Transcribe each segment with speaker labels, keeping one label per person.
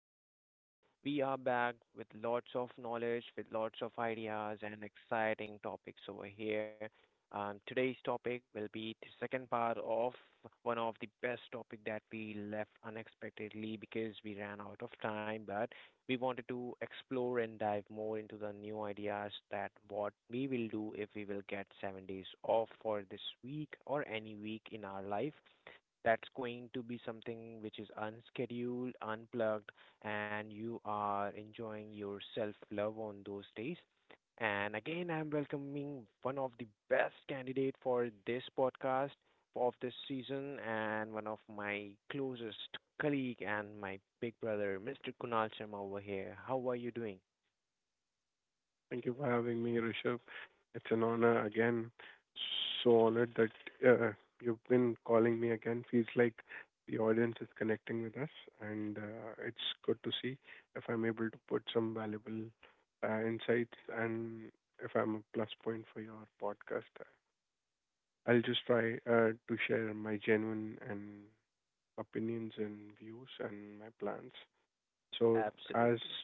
Speaker 1: again, we are back with lots of knowledge, with lots of ideas and exciting topics over here. Today's topic will be the second part of one of the best topic that we left unexpectedly because we ran out of time, but we wanted to explore and dive more into the new ideas that what we will do if we will get 7 days off for this week or any week in our life that's going to be something which is unscheduled, unplugged, and you are enjoying your self love on those days. And again, I'm welcoming one of the best candidate for this podcast of this season and one of my closest colleague and my big brother, Mr. Kunal Sharma over here. How are you doing?
Speaker 2: Thank you for having me, Rishabh. It's an honor again. So honored that you've been calling me again. Feels like the audience is connecting with us, and it's good to see if I'm able to put some valuable insights and if I'm a plus point for your podcast. I'll just try to share my genuine and opinions and views and my plans. So as
Speaker 1: Absolutely.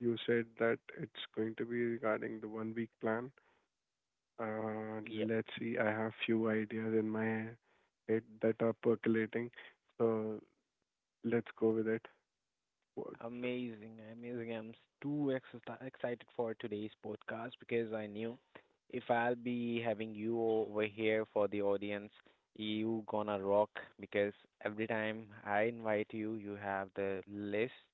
Speaker 2: you said that it's going to be regarding the one week plan. Let's see. I have few ideas in my head that are percolating. So let's go with it. What?
Speaker 1: Amazing, amazing. Too excited for today's podcast because I knew if I'll be having you over here for the audience, you gonna rock because every time I invite you, you have the list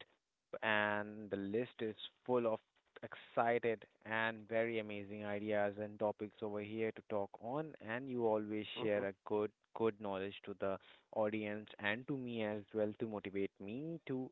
Speaker 1: and the list is full of excited and very amazing ideas and topics over here to talk on, and you always
Speaker 2: Mhm.
Speaker 1: share a good knowledge to the audience and to me as well to motivate me to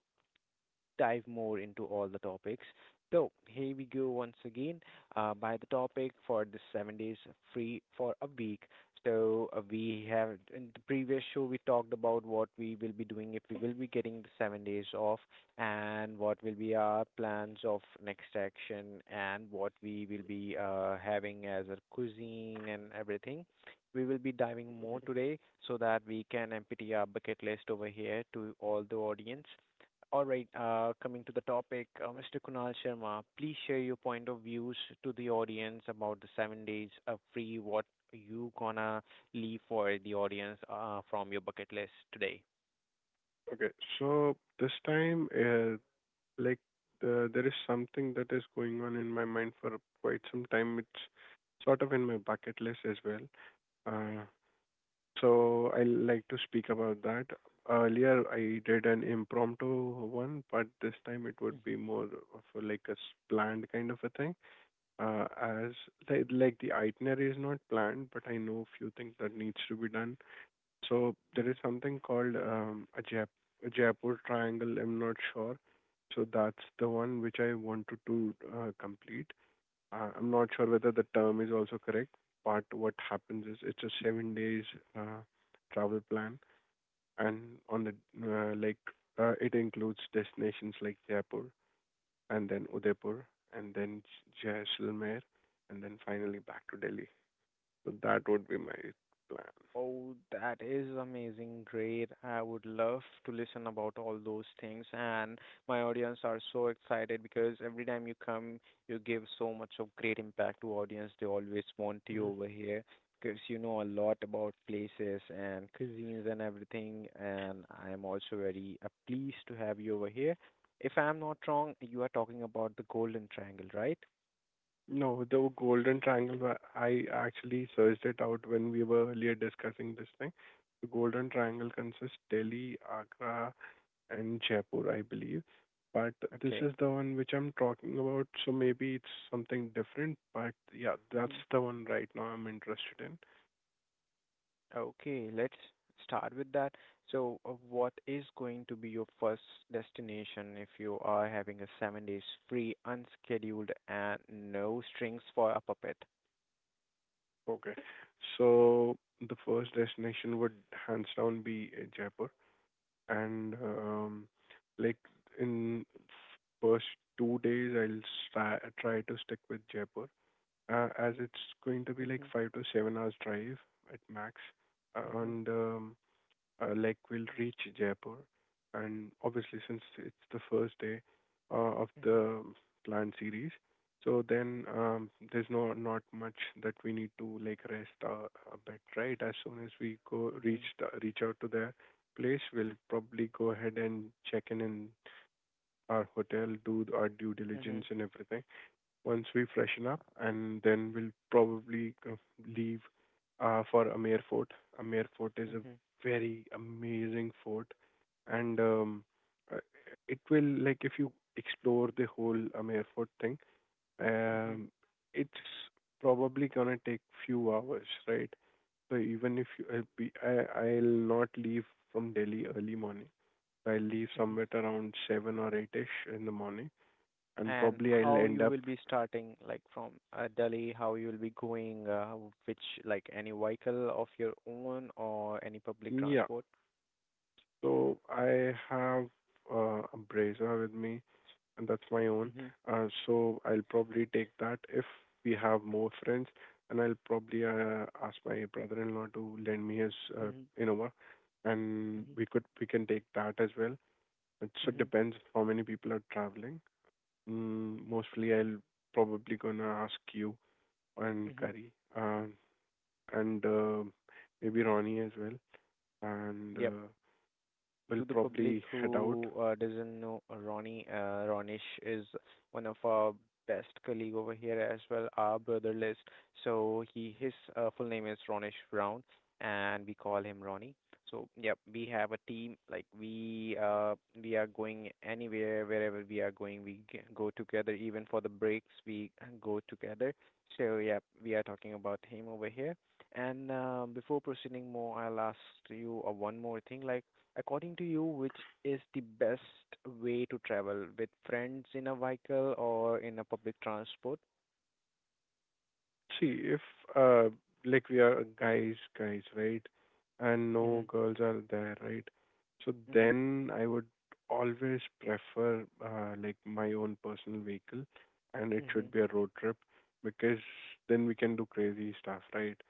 Speaker 1: dive more into all the topics. So here we go once again by the topic for the 7 days free for a week. So we have in the previous show we talked about what we will be doing if we will be getting the 7 days off and what will be our plans of next action and what we will be having as a cuisine and everything. We will be diving more today so that we can empty our bucket list over here to all the audience. All right, coming to the topic, Mr. Kunal Sharma, please share your point of views to the audience about the 7 days of free. What you gonna leave for the audience from your bucket list today?
Speaker 2: Okay. So this time, like, there is something that is going on in my mind for quite some time. It's sort of in my bucket list as well. Uh, So I like to speak about that. Earlier, I did an impromptu one, but this time it would
Speaker 1: Mm-hmm.
Speaker 2: be more of like a planned kind of a thing. As like the itinerary is not planned, but I know few things that needs to be done. So there is something called a Jaipur Triangle. I'm not sure. So that's the one which I wanted to complete. I'm not sure whether the term is also correct, but what happens is it's a 7 days uh, travel plan, and on the like it includes destinations like Jaipur and then Udaipur and then Jaisalmer and then finally back to Delhi. So that would be my plan.
Speaker 1: Oh, that is amazing. Great. I would love to listen about all those things. And my audience are so excited because every time you come, you give so much of great impact to audience. They always want you
Speaker 2: Mhm.
Speaker 1: over here because you know a lot about places and cuisines and everything. And I am also very pleased to have you over here. If I'm not wrong, you are talking about the Golden Triangle, right?
Speaker 2: No, the Golden Triangle, I actually searched it out when we were earlier discussing this thing. The Golden Triangle consists Delhi, Agra, and Jaipur, I believe. But this
Speaker 1: Okay.
Speaker 2: is the one which I'm talking about, so maybe it's something different. But yeah, that's the one right now I'm interested in.
Speaker 1: Okay, let's start with that. So, what is going to be your first destination if you are having a 7 days free, unscheduled, and no strings for a puppet?
Speaker 2: Okay. So the first destination would hands down be Jaipur. And like in first 2 days, I'll try to stick with Jaipur, as it's going to be like
Speaker 1: Mm-hmm,
Speaker 2: 5 to 7 hours drive at max.
Speaker 1: mm-hmm,
Speaker 2: And like we'll reach Jaipur, and obviously since it's the first day of
Speaker 1: mm-hmm,
Speaker 2: the planned series, so then there's no not much that we need to like rest a bit, right? As soon as we go reach reach out to the place, we'll probably go ahead and check in our hotel, do our due
Speaker 1: mm-hmm, mm-hmm,
Speaker 2: diligence and everything, once we freshen up, and then we'll probably leave for Amer Fort. Amer Fort is a
Speaker 1: mm-hmm,
Speaker 2: very amazing fort, and uh, it will like if you explore the whole Amer Fort thing,
Speaker 1: mm-hmm,
Speaker 2: um, it's probably gonna take few hours, right? So even if you, I'll be, I'll not leave from Delhi early morning. I'll leave
Speaker 1: mm-hmm.
Speaker 2: somewhere around seven or eight ish in the morning, and
Speaker 1: And
Speaker 2: probably I'll
Speaker 1: how
Speaker 2: end
Speaker 1: you
Speaker 2: up.
Speaker 1: will be starting, like from Delhi, how you will be going, which, like any vehicle of your own or any public
Speaker 2: Yeah,
Speaker 1: transport?
Speaker 2: so I have a Brezza with me, and that's my own.
Speaker 1: Mm-hmm,
Speaker 2: So I'll probably take that if we have more friends, and I'll probably ask my brother-in-law to lend me his
Speaker 1: mm-hmm,
Speaker 2: Innova, and
Speaker 1: mm-hmm,
Speaker 2: we can take that as well. It so
Speaker 1: mm-hmm,
Speaker 2: depends how many people are traveling. Mostly, I'll probably gonna ask you and
Speaker 1: mm-hmm.
Speaker 2: Kari, uh, and maybe Ronnie as well, and we'll
Speaker 1: To the public
Speaker 2: probably head out.
Speaker 1: who doesn't know Ronnie, Ronish is one of our best colleague over here as well, our brother list. So he his full name is Ronish Brown, and we call him Ronnie. So yep, we have a team. We are going anywhere, wherever we are going, go together. Even for the breaks, we go together. So yep, we are talking about him over here. And before proceeding more, I'll ask you one more thing. Like according to you, which is the best way to travel with friends in a vehicle or in a public transport?
Speaker 2: See, if uh, like we are guys, right, and
Speaker 1: Mm-hmm.
Speaker 2: no girls are there, right? So
Speaker 1: Mm-hmm.
Speaker 2: then I would always prefer like my own personal vehicle, and it
Speaker 1: Mm-hmm.
Speaker 2: should be a road trip because then we can do crazy stuff, right?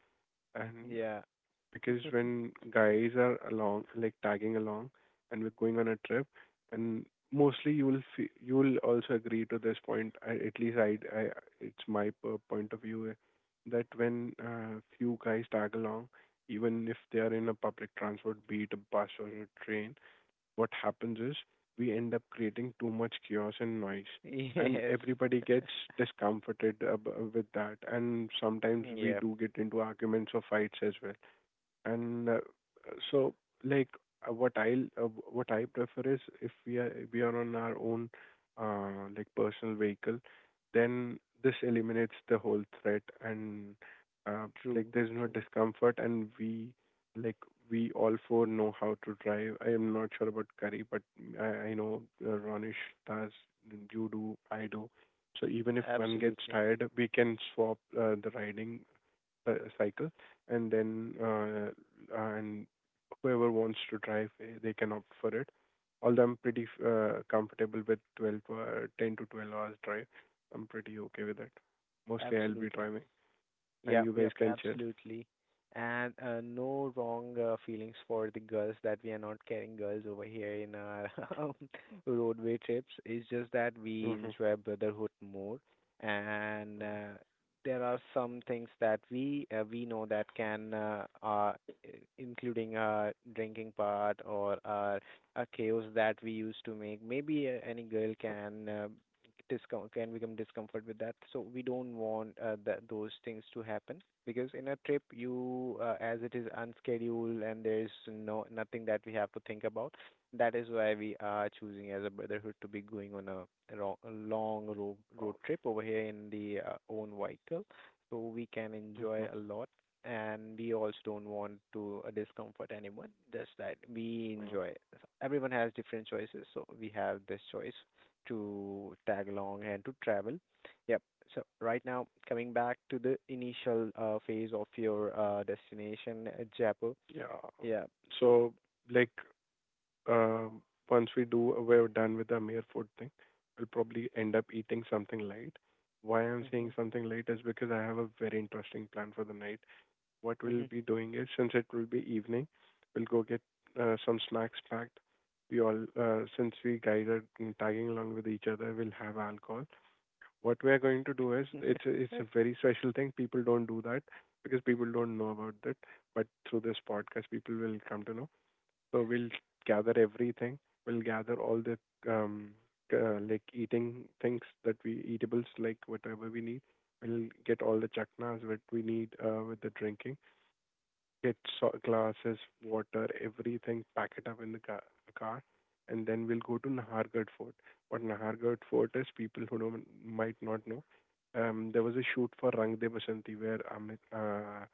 Speaker 2: And
Speaker 1: Yeah.
Speaker 2: because when guys are along, like tagging along, and we're going on a trip, and mostly you will also agree to this point. I, at least I, It's my point of view that when few guys tag along, even if they are in a public transport, be it a bus or a train, what happens is we end up creating too much chaos and noise, and
Speaker 1: Yes.
Speaker 2: everybody gets discomforted with that, and sometimes we
Speaker 1: Yeah.
Speaker 2: do get into arguments or fights as well. And so, like, what I prefer is, if we are on our own, like personal vehicle, then this eliminates the whole threat, and uh, like
Speaker 1: True.
Speaker 2: there's no
Speaker 1: True.
Speaker 2: discomfort, and like we all four know how to drive. I am not sure about Curry, but I know Ronish does, you do, I do. So even if one gets
Speaker 1: Absolutely.
Speaker 2: tired, we can swap the riding cycle, and then and whoever wants to drive, they can opt for it. Although I'm pretty comfortable with 10 to 12 hours drive, I'm pretty okay with it. Mostly I'll be
Speaker 1: Absolutely.
Speaker 2: driving, and
Speaker 1: Yep,
Speaker 2: you guys
Speaker 1: yep,
Speaker 2: can chill.
Speaker 1: absolutely. And no wrong feelings for the girls that we are not carrying girls over here in our roadway trips. It's just that we
Speaker 2: Mm-hmm.
Speaker 1: enjoy brotherhood more, and there are some things that we know that can including our drinking part or our a chaos that we used to make. Maybe any girl can discom can become discomfort with that. So we don't want that those things to happen because in a trip you as it is unscheduled and there's no nothing that we have to think about. That is why we are choosing as a brotherhood to be going on a long road trip over here in the own vehicle, so we can enjoy
Speaker 2: Mm-hmm.
Speaker 1: a lot. And we also don't want to discomfort anyone. Just that we enjoy everyone has different choices, so we have this choice to tag along and to travel. Yep. So right now, coming back to the initial phase of your destination, Jaipur.
Speaker 2: Yeah.
Speaker 1: Yeah. So.
Speaker 2: So, like, uh, we're done with the mere food thing, we'll probably end up eating something light. Why I'm saying
Speaker 1: Mhm.
Speaker 2: something light is because I have a very interesting plan for the night. What we'll be doing is, since it will be evening, we'll go get some snacks packed. We all, since we guided and tagging along with each other, we'll have alcohol. What we are going to do is,
Speaker 1: Mhm.
Speaker 2: it's a very special thing. People don't do that because people don't know about it. But through this podcast, people will come to know. So we'll gather everything. We'll gather all the um, like eating things that we eatables, like whatever we need. We'll get all the chaknas that we need with the drinking, glasses, water, everything, pack it up in the car, and then we'll go to Nahargarh Fort. What Nahargarh Fort is, people who don't, might not know, there was a shoot for Rang De Basanti where Amir, uh,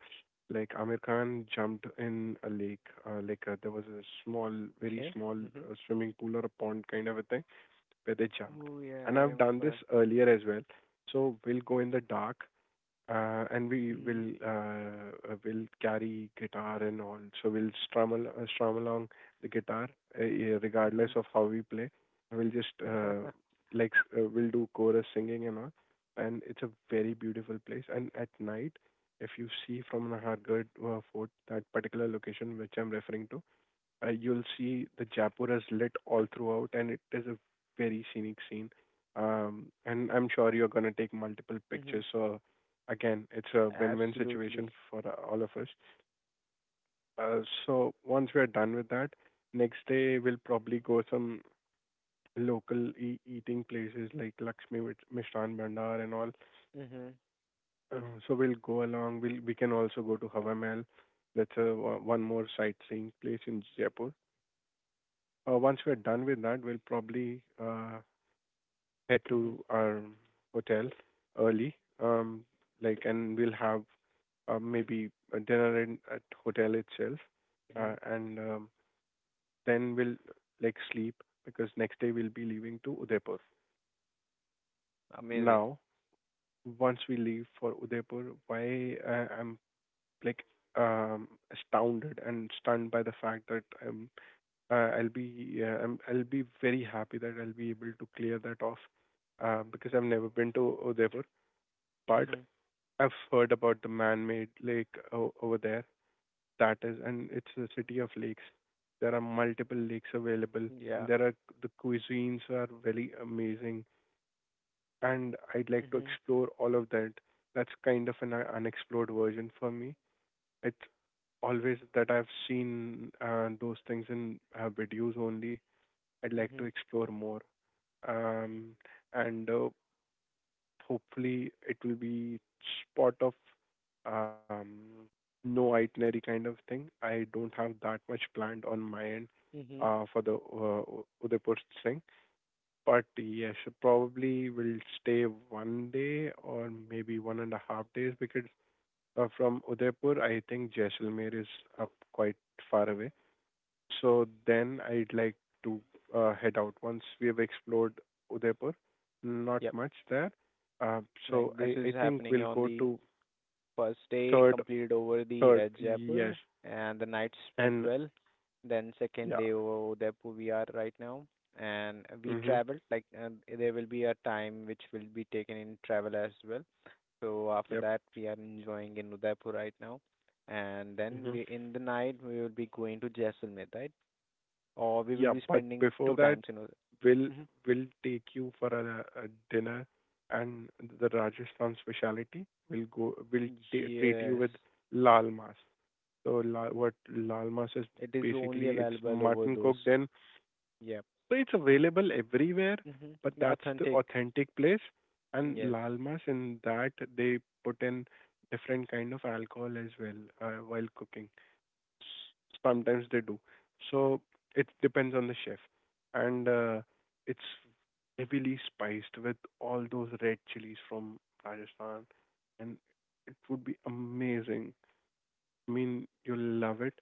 Speaker 2: like Amir Khan jumped in a lake. There was a small, very
Speaker 1: Okay.
Speaker 2: small
Speaker 1: Mhm.
Speaker 2: swimming pool or a pond kind of a thing where they jumped.
Speaker 1: Oh yeah,
Speaker 2: And
Speaker 1: I
Speaker 2: I've done this
Speaker 1: remember.
Speaker 2: earlier as well. So we'll go in the dark, and we
Speaker 1: Mhm.
Speaker 2: will uh, uh, will carry guitar and all, so we'll strum along the guitar, yeah, regardless
Speaker 1: Mhm.
Speaker 2: of how we play. We'll just like s- We'll do chorus singing and all, and it's a very beautiful place. And at night, if you see from Nahargarh fort that particular location which I'm referring to, you'll see the Jaipur is lit all throughout, and it is a very scenic scene. And I'm sure you're gonna take multiple
Speaker 1: Mhm.
Speaker 2: pictures. So again, it's a win-win
Speaker 1: Absolutely.
Speaker 2: situation for all of us. So once we're done with that, next day we'll probably go some local eating places like Mishran Bhandar and all.
Speaker 1: Mhm.
Speaker 2: So we'll go along. We can also go to Hawa Mahal. That's one more sightseeing place in Jaipur. Once we're done with that, we'll probably head
Speaker 1: Mhm.
Speaker 2: to our hotel early. Um, and we'll have maybe a dinner in at hotel itself,
Speaker 1: Mhm.
Speaker 2: and then we'll like sleep because next day we'll be leaving to Udaipur.
Speaker 1: Amazing.
Speaker 2: Now, once we leave for Udaipur, why I'm like astounded and stunned by the fact that I'll be very happy that I'll be able to clear that off, because I've never been to Udaipur, but
Speaker 1: Mhm.
Speaker 2: I've heard about the man-made lake over there. That is, and it's the city of lakes. There are multiple lakes available,
Speaker 1: Yeah.
Speaker 2: and the cuisines are very amazing. And I'd like to
Speaker 1: Mhm.
Speaker 2: explore all of that. That's kind of an unexplored version for me. It's always that I've seen those things in videos only. I'd like to
Speaker 1: Mhm.
Speaker 2: explore more. Um, and Hopefully it will be spot of um, no itinerary kind of thing. I don't have that much planned on my end
Speaker 1: Mhm.
Speaker 2: for the Udaipur thing, but yes, probably will stay one day or maybe one and a half days, because from Udaipur, I think Jaisalmer is up quite far away, so then I'd like to head out once we have explored Udaipur. Not
Speaker 1: Yep.
Speaker 2: much there. Uh,
Speaker 1: Like
Speaker 2: so
Speaker 1: this
Speaker 2: I
Speaker 1: is
Speaker 2: think
Speaker 1: happening
Speaker 2: we'll
Speaker 1: on
Speaker 2: go
Speaker 1: the
Speaker 2: to
Speaker 1: first day
Speaker 2: third,
Speaker 1: completed over the
Speaker 2: third,
Speaker 1: at Jaipur,
Speaker 2: yes.
Speaker 1: and the night spent
Speaker 2: And
Speaker 1: well. Then second
Speaker 2: yeah.
Speaker 1: day over Udaipur we are right now, and we
Speaker 2: Mm-hmm.
Speaker 1: traveled like there will be a time which will be taken in travel as well. So after
Speaker 2: Yep.
Speaker 1: that we are enjoying in Udaipur right now, and then
Speaker 2: Mm-hmm.
Speaker 1: we in the night we will be going to Jaisalmer, right? Or we will
Speaker 2: Yeah,
Speaker 1: be
Speaker 2: but
Speaker 1: spending
Speaker 2: before
Speaker 1: two
Speaker 2: that,
Speaker 1: times in Udaipur.
Speaker 2: we'll
Speaker 1: Mhm.
Speaker 2: we'll take you for a dinner and the Rajasthan speciality. We'll go. We'll treat you
Speaker 1: Yes,
Speaker 2: with lal mas. So what lal mas is,
Speaker 1: it is only
Speaker 2: basically it's
Speaker 1: available over
Speaker 2: mutton
Speaker 1: those.
Speaker 2: cooked in.
Speaker 1: Yep.
Speaker 2: So it's available everywhere,
Speaker 1: Hmm.
Speaker 2: but
Speaker 1: The
Speaker 2: that's the
Speaker 1: authentic.
Speaker 2: authentic place. And
Speaker 1: Yes.
Speaker 2: Lalmas, in that they put in different kind of alcohol as well while cooking. Sometimes they do. So it depends on the chef. And It's heavily spiced with all those red chilies from Rajasthan, and it would be amazing. I mean, you'll love it.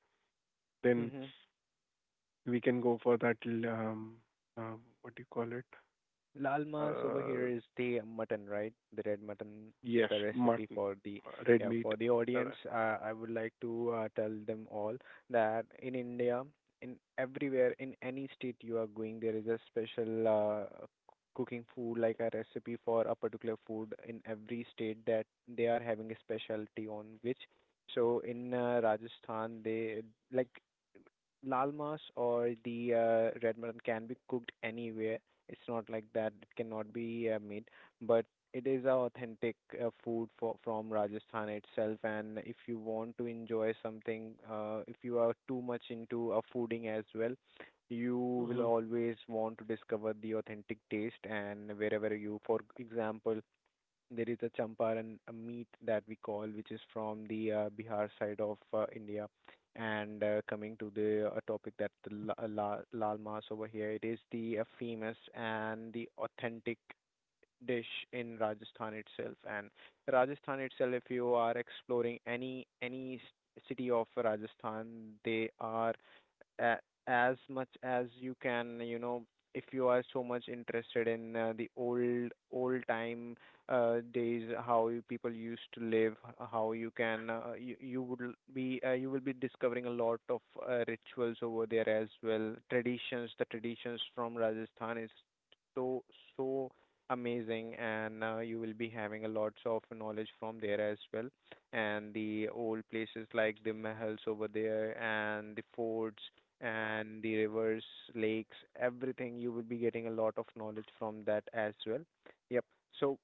Speaker 2: Then
Speaker 1: Mm-hmm.
Speaker 2: we can go for that uh, what do you call it?
Speaker 1: Lal mas over here
Speaker 2: Uh,
Speaker 1: is the mutton, right? The red mutton,
Speaker 2: yes,
Speaker 1: the recipe
Speaker 2: mutton,
Speaker 1: for the
Speaker 2: red
Speaker 1: yeah
Speaker 2: meat.
Speaker 1: for the
Speaker 2: Uh,
Speaker 1: audience. I would like to tell them all that in India, in everywhere, in any state you are going, there is a special cooking food, like a recipe for a particular food in every state that they are having a specialty on which. So in Rajasthan, they like lal mas or the red mutton can be cooked anywhere. It's not like that. It cannot be made, but it is a authentic food for from Rajasthan itself. And if you want to enjoy something, if you are too much into a fooding as well, you will
Speaker 2: hmm
Speaker 1: always want to discover the authentic taste. And wherever you, for example, there is a champaran a meat that we call, which is from the Bihar side of India. And coming to the topic that the la la lal mas over here, it is the famous and the authentic dish in Rajasthan itself. And Rajasthan itself, if you are exploring any city of Rajasthan, they are a- as much as you can, you know, if you are so much interested in the old time days how you people used to live how you can you would be you will be discovering a lot of rituals over there as well, traditions, the traditions from Rajasthan is so so amazing, and you will be having a lots of knowledge from there as well, and the old places like the mahals over there and the forts and the rivers, lakes, everything. You will be getting a lot of knowledge from that as well. Yep. So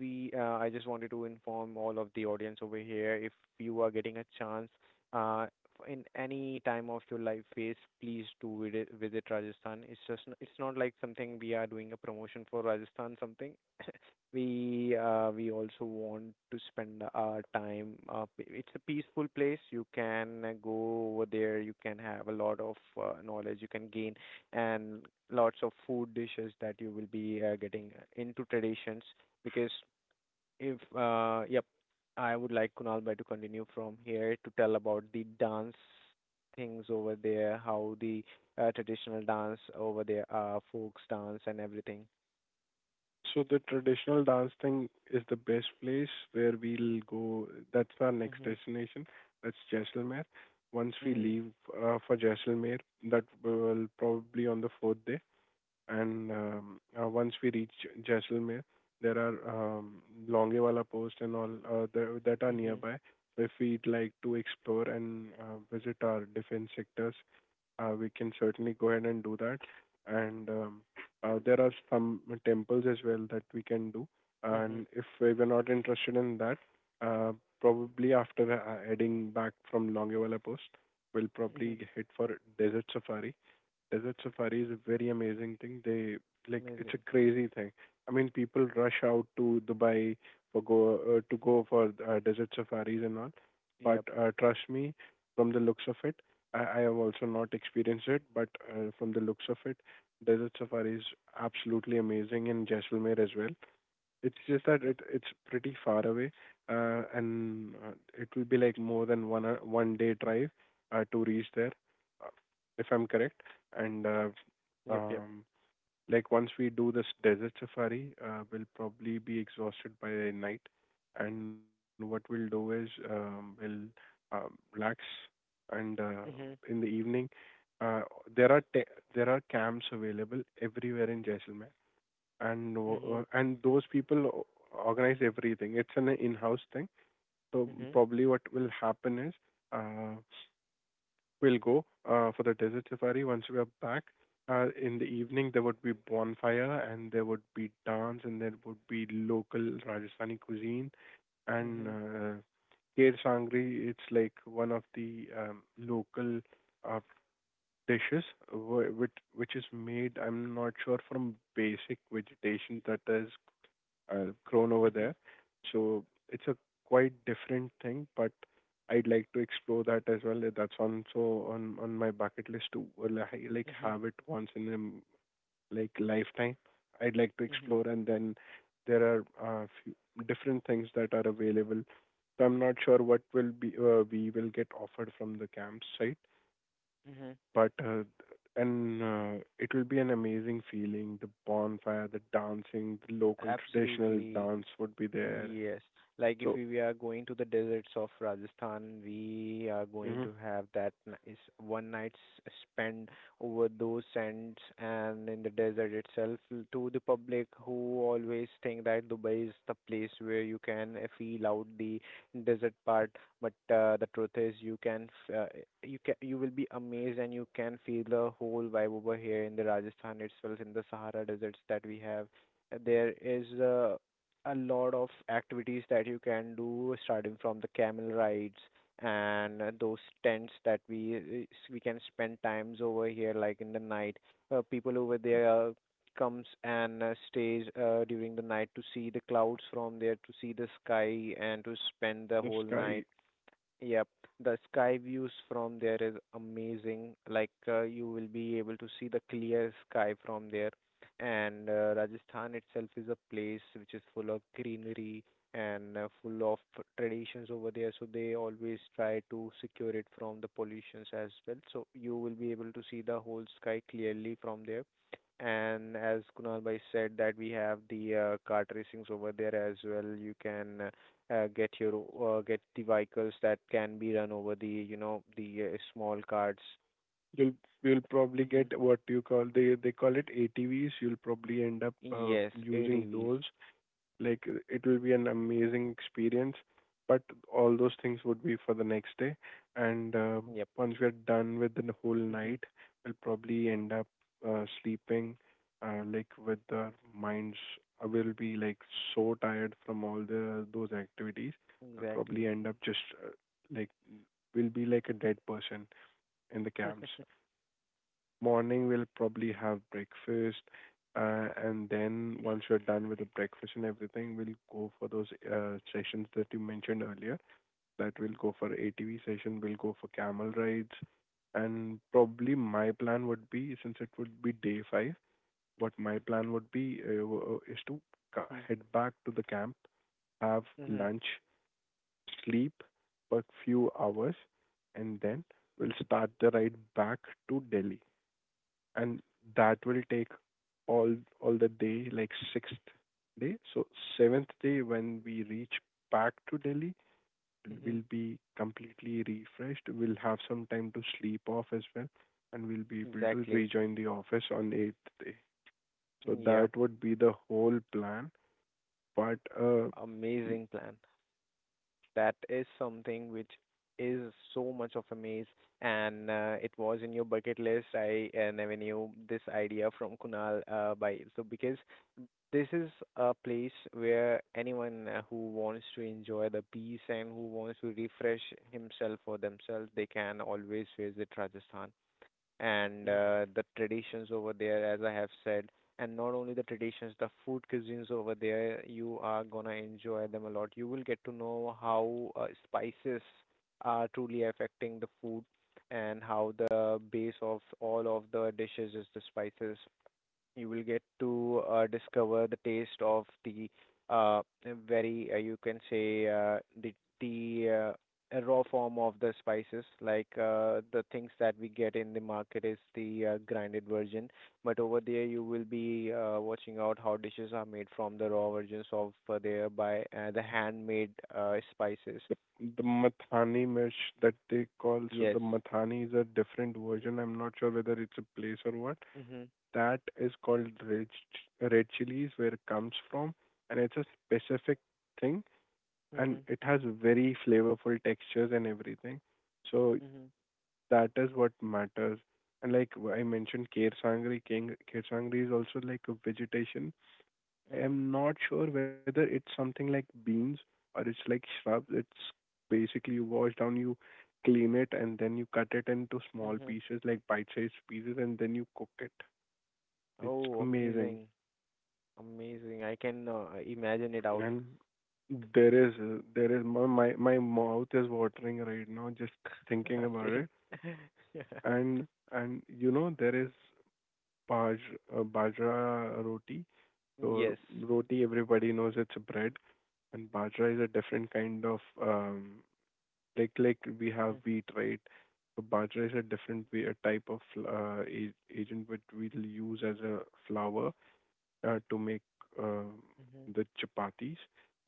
Speaker 1: I just wanted to inform all of the audience over here, if you are getting a chance, uh, in any time of your life phase, please do visit Rajasthan. It's just, it's not like something we are doing a promotion for Rajasthan something. We we also want to spend our time it's a peaceful place. You can go over there, you can have a lot of knowledge you can gain, and lots of food dishes that you will be getting into traditions because if yep, I would like Kunal bhai to continue from here to tell about the dance things over there, how the traditional dance over there, folks dance and everything.
Speaker 2: So the traditional dance thing is the best place where we'll go. That's our next
Speaker 1: Mhm.
Speaker 2: destination. That's Jaisalmer. Once we
Speaker 1: Mhm.
Speaker 2: leave for Jaisalmer, that will probably on the fourth day. And Once we reach Jaisalmer, there are Longewala post and all that are
Speaker 1: Mhm.
Speaker 2: nearby. So if we'd like to explore and visit our defense sectors, we can certainly go ahead and do that. And There are some temples as well that we can do.
Speaker 1: Mhm.
Speaker 2: And if we were not interested in that, uh, probably after heading back from Longiwala Post, we'll
Speaker 1: Mhm.
Speaker 2: probably hit for desert safari. Desert safari is a very amazing thing. They Like, it's
Speaker 1: Amazing.
Speaker 2: a crazy thing. I mean, people rush out to Dubai for go to go for desert safaris and all. But
Speaker 1: Yep.
Speaker 2: trust me, from the looks of it, I have also not experienced it. But from the looks of it, desert safari is absolutely amazing in Jaisalmer as well. It's just that
Speaker 1: Yep.
Speaker 2: it's pretty far away, and it will be like more than 1 day drive to reach there, uh, if I'm correct. And
Speaker 1: Yep. Yep.
Speaker 2: um, like, once we do this desert safari, we'll probably be exhausted by night. And what we'll do is we'll relax, and
Speaker 1: Mhm.
Speaker 2: in the evening, uh, there are there are camps available everywhere in Jaisalmer, and uh,
Speaker 1: Mhm.
Speaker 2: and those people organize everything. It's an in-house thing. So
Speaker 1: Mhm.
Speaker 2: probably what will happen is uh, we'll go for the desert safari. Once we are back in the evening, there would be bonfire and there would be dance and there would be local Rajasthani cuisine, and
Speaker 1: Mhm.
Speaker 2: Kher Sangri. It's like one of the local uh, dishes which is made, I'm not sure, from basic vegetation that is grown over
Speaker 1: Mhm.
Speaker 2: there. So it's a quite different thing, but I'd like to explore that as well. That's on, so on my bucket list to like
Speaker 1: Mhm.
Speaker 2: have it once in a like lifetime. I'd like to
Speaker 1: Mhm.
Speaker 2: explore, and then there are few different things that are available. So I'm not sure what will be we will get offered from the camp site,
Speaker 1: Mhm.
Speaker 2: but and it will be an amazing feeling. The bonfire, the dancing, the local traditional
Speaker 1: Absolutely.
Speaker 2: dance would be there.
Speaker 1: Yes. Like
Speaker 2: So
Speaker 1: if we are going to the deserts of Rajasthan, we are going
Speaker 2: hmm
Speaker 1: to have that is one night spent over those sands and in the desert itself to the public who always think that Dubai is the place where you can feel out the desert part. But the truth is you can you can you will be amazed and you can feel the whole vibe over here in the Rajasthan itself in the Sahara deserts that we have. There is a lot of activities that you can do, starting from the camel rides and those tents that we can spend times over here like in the night. People over there comes and stays during the night to see the clouds from there, to see the sky, and to spend the
Speaker 2: the
Speaker 1: whole
Speaker 2: sky,
Speaker 1: night. Yep, the sky views from there is amazing. You will be able to see the clear sky from there. And Rajasthan itself is a place which is full of greenery and full of traditions over there. So they always try to secure it from the pollutions as well. So you will be able to see the whole sky clearly from there. And as Kunal bhai said, that we have the kart racings over there as well. You can Get your get the vehicles that can be run over the small carts.
Speaker 2: you'll probably
Speaker 1: Mhm.
Speaker 2: get what you call, they call it ATVs. You'll probably end up
Speaker 1: Yes,
Speaker 2: using
Speaker 1: ATVs.
Speaker 2: those. Like it will be an amazing experience, but all those things would be for the next day. And
Speaker 1: Yep.
Speaker 2: Once we are done with the whole
Speaker 1: Mhm.
Speaker 2: night, we'll probably end up sleeping, like with our minds. I will be like so tired from all the those activities. I'll probably
Speaker 1: Exactly.
Speaker 2: end up just uh, like we'll be like a dead person in the camps. Morning, we'll probably have breakfast, and then once we're done with the breakfast and everything, we'll go for those sessions that you mentioned earlier. That we'll go for ATV session, we'll go for camel rides, and probably my plan would be, since it would be day five, what my plan would be is to
Speaker 1: Mhm.
Speaker 2: head back to the camp, have
Speaker 1: Mhm.
Speaker 2: lunch, sleep for a few hours, and then we'll start the ride back to Delhi, and that will take all all the day, like sixth day. So seventh day, when we reach back to Delhi, we'll
Speaker 1: Mhm.
Speaker 2: be completely refreshed. We'll have some time to sleep off as well, and we'll be able to
Speaker 1: Exactly.
Speaker 2: rejoin the office on eighth day. So
Speaker 1: Yep.
Speaker 2: that would be the whole plan. But
Speaker 1: Amazing plan. That is something which is so much of a maze, and it was in your bucket list. I never knew this idea from Kunal. By so because this is a place where anyone who wants to enjoy the peace and who wants to refresh himself or themselves, they can always visit Rajasthan. And the traditions over there, as I have said, and not only the traditions, the food cuisines over there, you are gonna enjoy them a lot. You will get to know how spices are truly affecting the food, and how the base of all of the dishes is the spices. You will get to discover the taste of the uh, very, you can say, the raw form of the spices. The things that we get in the market is the grinded version, but over there you will be watching out how dishes are made from the raw versions of there by the handmade spices.
Speaker 2: the, the Mathani mesh that they call, so
Speaker 1: Yes.
Speaker 2: the Mathani is a different version. I'm not sure whether it's a place or what.
Speaker 1: Mhm.
Speaker 2: That is called red, red chilies, where it comes from, and it's a specific thing, and
Speaker 1: Mhm.
Speaker 2: it has very flavorful textures and everything. So
Speaker 1: Mhm.
Speaker 2: that is what matters. And like I mentioned, kher sangri, king, kher sangri is also like a vegetation. I
Speaker 1: Mhm.
Speaker 2: am not sure whether it's something like beans or it's like shrubs. It's basically you wash down, you clean it, and then you cut it into small
Speaker 1: Mhm.
Speaker 2: pieces, like bite-sized pieces, and then you cook it. It's
Speaker 1: Oh,
Speaker 2: amazing.
Speaker 1: amazing. Amazing. I can imagine it out.
Speaker 2: And there is my mouth is watering right now just thinking about it.
Speaker 1: Same. Yeah.
Speaker 2: And you know there is baj, bajra roti. So
Speaker 1: Yes.
Speaker 2: roti, everybody knows, it's a bread. And bajra is a different kind of we have wheat, right? So bajra is a different way, a type of agent which we'll use as a flour to make uh,
Speaker 1: Mm-hmm.
Speaker 2: the chapatis,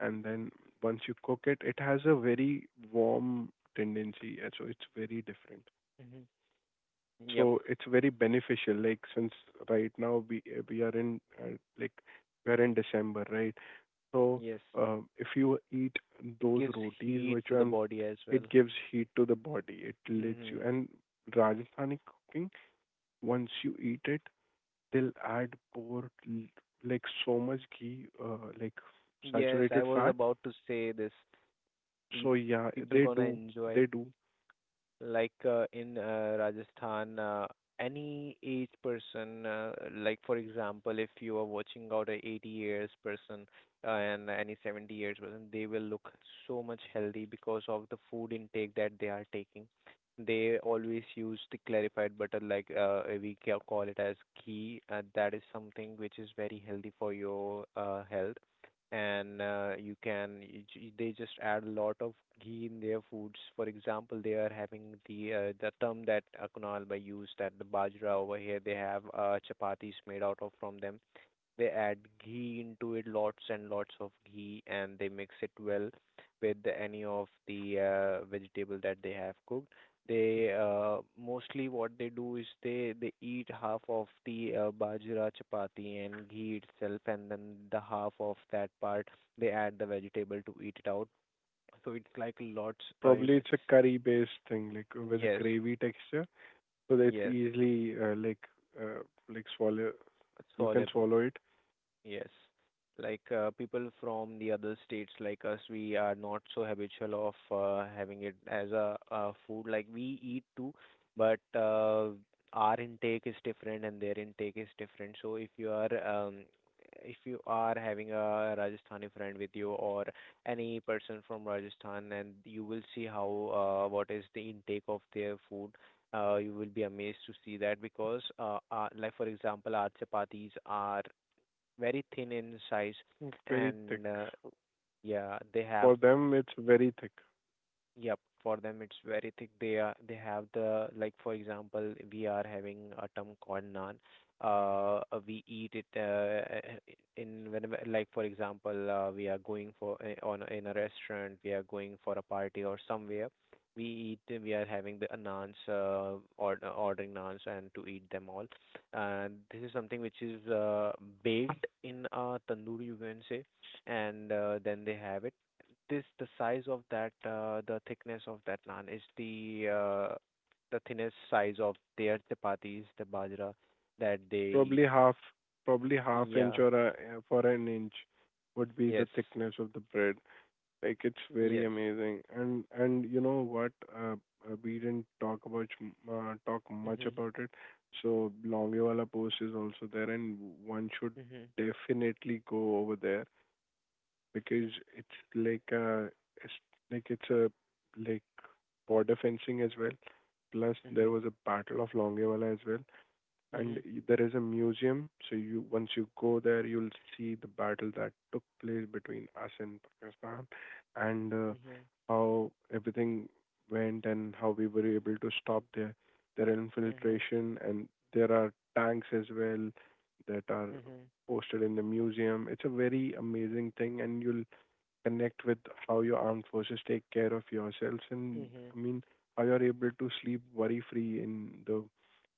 Speaker 2: and then once you cook it, it has a very warm tendency, and so it's very different.
Speaker 1: Hmm. Yep.
Speaker 2: So it's very beneficial. Like, since right now we are in we're in December, right? So
Speaker 1: Yes.
Speaker 2: if you eat
Speaker 1: It
Speaker 2: those
Speaker 1: gives
Speaker 2: rotis,
Speaker 1: heat
Speaker 2: which
Speaker 1: to the
Speaker 2: I'm,
Speaker 1: body as
Speaker 2: it
Speaker 1: well.
Speaker 2: gives heat to the body. It lets you
Speaker 1: Hmm.
Speaker 2: and Rajasthani cooking. Once you eat it, they'll add like so much ghee, like
Speaker 1: Yes, I
Speaker 2: saturated
Speaker 1: was
Speaker 2: fat.
Speaker 1: about to say this. You
Speaker 2: So yeah,
Speaker 1: people
Speaker 2: they
Speaker 1: gonna
Speaker 2: do.
Speaker 1: enjoy.
Speaker 2: They do.
Speaker 1: In Rajasthan, any age person, like for example, if you are watching out a 80 year years person and any 70 year years person, they will look so much healthy because of the food intake that they are taking. They always use the clarified butter, like call it as ghee. That is something which is very healthy for your health, and you can they just add a lot of ghee in their foods. For example, they are having the term that Kunal by used, that the bajra over here they have chapatis made out of from them. They add ghee into it, lots and lots of ghee, and they mix it well with any of the vegetable that they have cooked. They Mostly what they do is they eat half of the bajra chapati and ghee itself, and then the half of that part they add the vegetable to eat it out. So it's like lots. You
Speaker 2: Probably
Speaker 1: can,
Speaker 2: it's a curry-based thing, like with a
Speaker 1: yes,
Speaker 2: gravy texture, so that it's
Speaker 1: yes,
Speaker 2: easily uh, like swallow. You can
Speaker 1: soluble.
Speaker 2: swallow it.
Speaker 1: Yes. People from the other states like us, we are not so habitual of having it as a food. Like we eat too, but our intake is different and their intake is different. So if you are having a Rajasthani friend with you or any person from Rajasthan, and you will see how what is the intake of their food. You will be amazed to see that because like for example, our chapatis are very thin in size,
Speaker 2: It's very thick.
Speaker 1: and yeah they have.
Speaker 2: For them, it's very thick.
Speaker 1: Yep, for them it's very thick. They have the, like for example, we are having a term called naan. We eat it in whenever, like for example, we are going for on in a restaurant, we are going for a party or somewhere. We eat, we are having the naans, or ordering naans and to eat them all. And this is something which is baked in a tandoor, you can say, and then they have it. This, the size of that the thickness of that naan is the thinnest size of their chapatis, the bajra that they eat.
Speaker 2: Probably half, probably
Speaker 1: Mhm.
Speaker 2: half inch
Speaker 1: Yeah.
Speaker 2: or a, for an inch would be the
Speaker 1: Yes.
Speaker 2: thickness of the bread. Like, it's very
Speaker 1: Yes.
Speaker 2: amazing. And you know what? We didn't talk about talk much
Speaker 1: Mhm.
Speaker 2: about it. So Longewala post is also there, and one should
Speaker 1: Mhm.
Speaker 2: definitely go over there because it's like a it's like it's a like border fencing as well. Plus there
Speaker 1: Mhm.
Speaker 2: was a battle of Longewala as well, and
Speaker 1: Mhm.
Speaker 2: there is a museum, so you, once you go there, you'll see the battle that took place between us and Pakistan, and
Speaker 1: Mhm.
Speaker 2: how everything went and how we were able to stop their
Speaker 1: Mhm.
Speaker 2: infiltration, and there are tanks as well that are
Speaker 1: Mhm.
Speaker 2: posted in the museum. It's a very amazing thing, and you'll connect with how your armed forces take care of yourselves, and
Speaker 1: Mhm.
Speaker 2: I mean, how you're able to sleep worry free in the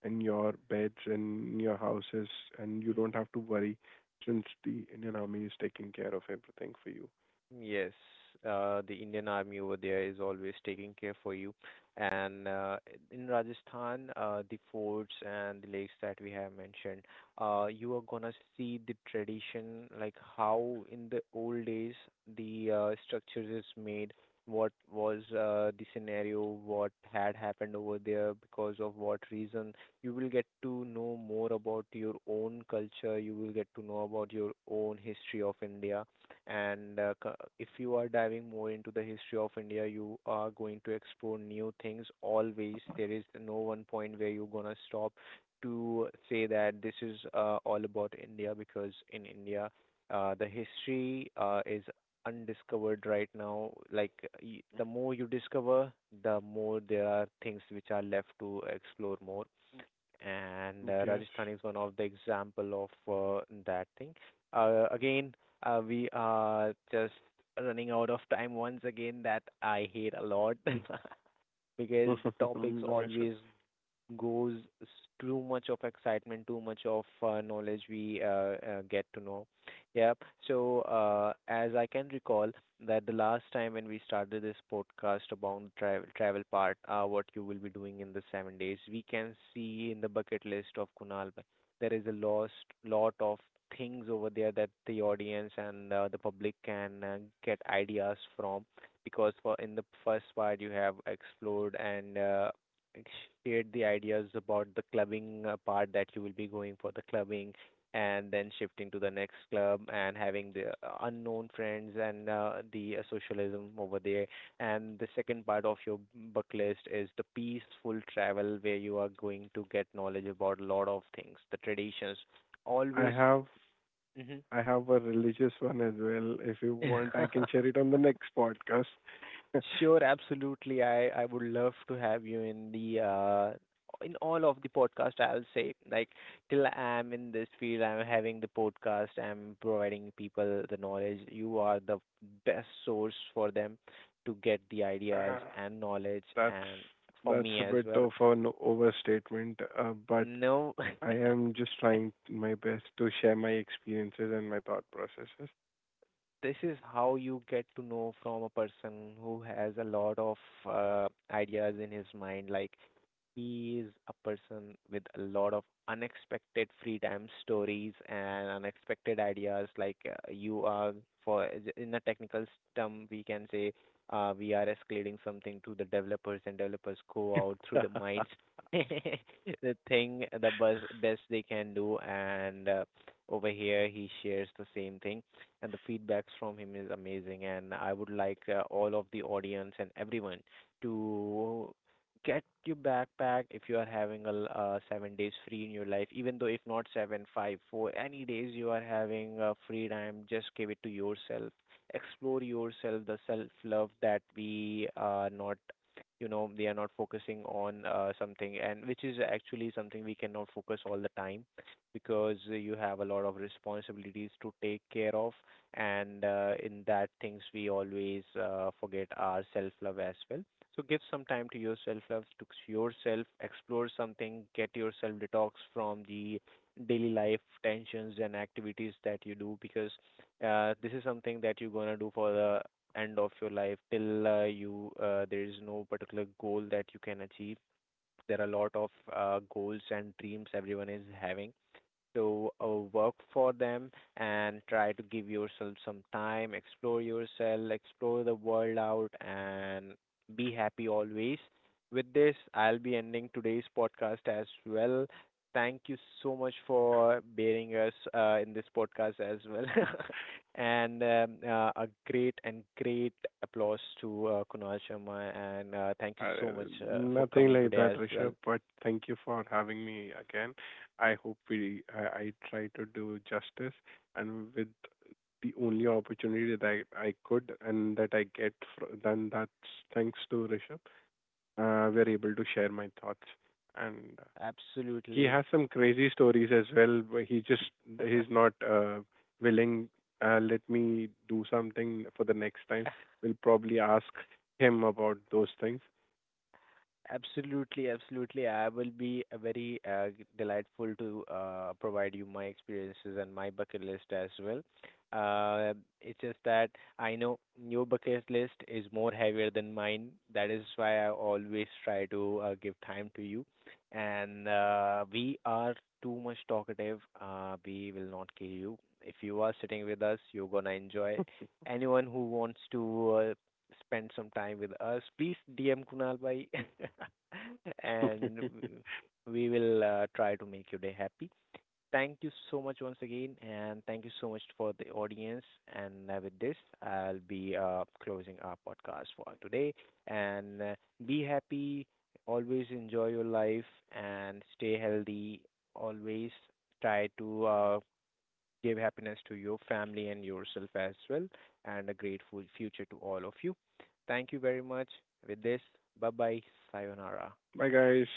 Speaker 2: in your beds and in your houses, and you don't
Speaker 1: Mhm.
Speaker 2: have to worry since the Indian Army is taking care of everything for you.
Speaker 1: Yes, the Indian Army over there is always taking care for you. And in Rajasthan, the forts and the lakes that we have mentioned, you are gonna see the tradition, like how in the old days the structures is made, what was the scenario, what had happened over there, because of what reason. You will get to know more about your own culture. You will get to know about your own history of India, and uh, c- if you are diving more into the history of India, you are going to explore new things always. There is no one point where you're going to stop to say that this is all about India, because in India the history is undiscovered right now. The more you discover, the more there are things which are left to explore more, and
Speaker 2: Yes.
Speaker 1: Rajasthan is one of the example of that thing. Again, we are just running out of time once again. That I hate a lot. Because the topics
Speaker 2: No issue.
Speaker 1: always goes s- too much of excitement, too much of knowledge we get to know. Yep. So, as I can recall, that the last time when we started this podcast about travel part, what you will be doing in the 7 days, we can see in the bucket list of Kunal bhai, there is a lost lot of things over there that the audience and the public can get ideas from. Because for in the first part you have explored and shared the ideas about the clubbing part, that you will be going for the clubbing and then shifting to the next club and having the unknown friends and the socialism over there. And the second part of your bucket list is the peaceful travel, where you are going to get knowledge about a lot of things, the traditions.
Speaker 2: I
Speaker 1: Always.
Speaker 2: have
Speaker 1: Hmm.
Speaker 2: I have a religious one as well. If you want, I can share it on the next podcast.
Speaker 1: Sure, absolutely. I would love to have you in the in all of the podcast. I'll say, like, till I'm in this field, I'm having the podcast. I'm providing people the knowledge. You are the best source for them to get the ideas
Speaker 2: Uh,
Speaker 1: and knowledge,
Speaker 2: that's
Speaker 1: and for
Speaker 2: that's
Speaker 1: me
Speaker 2: a
Speaker 1: as
Speaker 2: bit
Speaker 1: well.
Speaker 2: of an overstatement, but
Speaker 1: No,
Speaker 2: I am just trying my best to share my experiences and my thought processes.
Speaker 1: this is how you get to know from a person who has a lot of ideas in his mind. Like, he is a person with a lot of unexpected free time stories and unexpected ideas. You are, for in a technical term, we can say we are escalating something to the developers, and developers go out through the minds the thing, the best they can do, and over here he shares the same thing, and the feedbacks from him is amazing. And I would like all of the audience and everyone to get your backpack. If you are having 7 days free in your life, even though if not 7, 5, 4 any days you are having free time, just give it to yourself. Explore yourself, the self love that we are not, you know, they are not focusing on something, and which is actually something we cannot focus all the time, because you have a lot of responsibilities to take care of, and in that things we always forget our self love as well. So give some time to yourself, love, to yourself, explore something, get yourself detox from the daily life tensions and activities that you do. Because this is something that you're gonna do for the end of your life, till you there is no particular goal that you can achieve. There are a lot of goals and dreams everyone is having, to work for them, and try to give yourself some time, explore yourself, explore the world out, and be happy always. With this, I'll be ending today's podcast as well. Thank you so much for bearing us in this podcast as well. And a great applause to Kunal Sharma. And thank you so much for
Speaker 2: Nothing
Speaker 1: coming
Speaker 2: like
Speaker 1: today
Speaker 2: that,
Speaker 1: as well.
Speaker 2: Rishabh, but thank you for having me again. I hope we I try to do justice and with the only opportunity that I could and that I get then that's thanks to Rishabh. We're able to share my thoughts, and he
Speaker 1: Absolutely.
Speaker 2: has some crazy stories as well, but he's not willing. Let me do something for the next time. We'll probably ask him about those things.
Speaker 1: Absolutely, absolutely. I will be delightful to provide you my experiences and my bucket list as well. Uh, it's just that I know your bucket list is more heavier than mine. That is why I always try to give time to you. And we are too much talkative. We will not kill you. If you are sitting with us, you're gonna enjoy. Anyone who wants to spend some time with us, please DM Kunal Bhai and w- we will try to make your day happy. Thank you so much once again, and thank you so much for the audience. And with this, I'll be closing our podcast for today. And be happy, always enjoy your life, and stay healthy. Always try to give happiness to your family and yourself as well, and a grateful future to all of you. Thank you very much. With this, bye bye, sayonara.
Speaker 2: Bye, guys.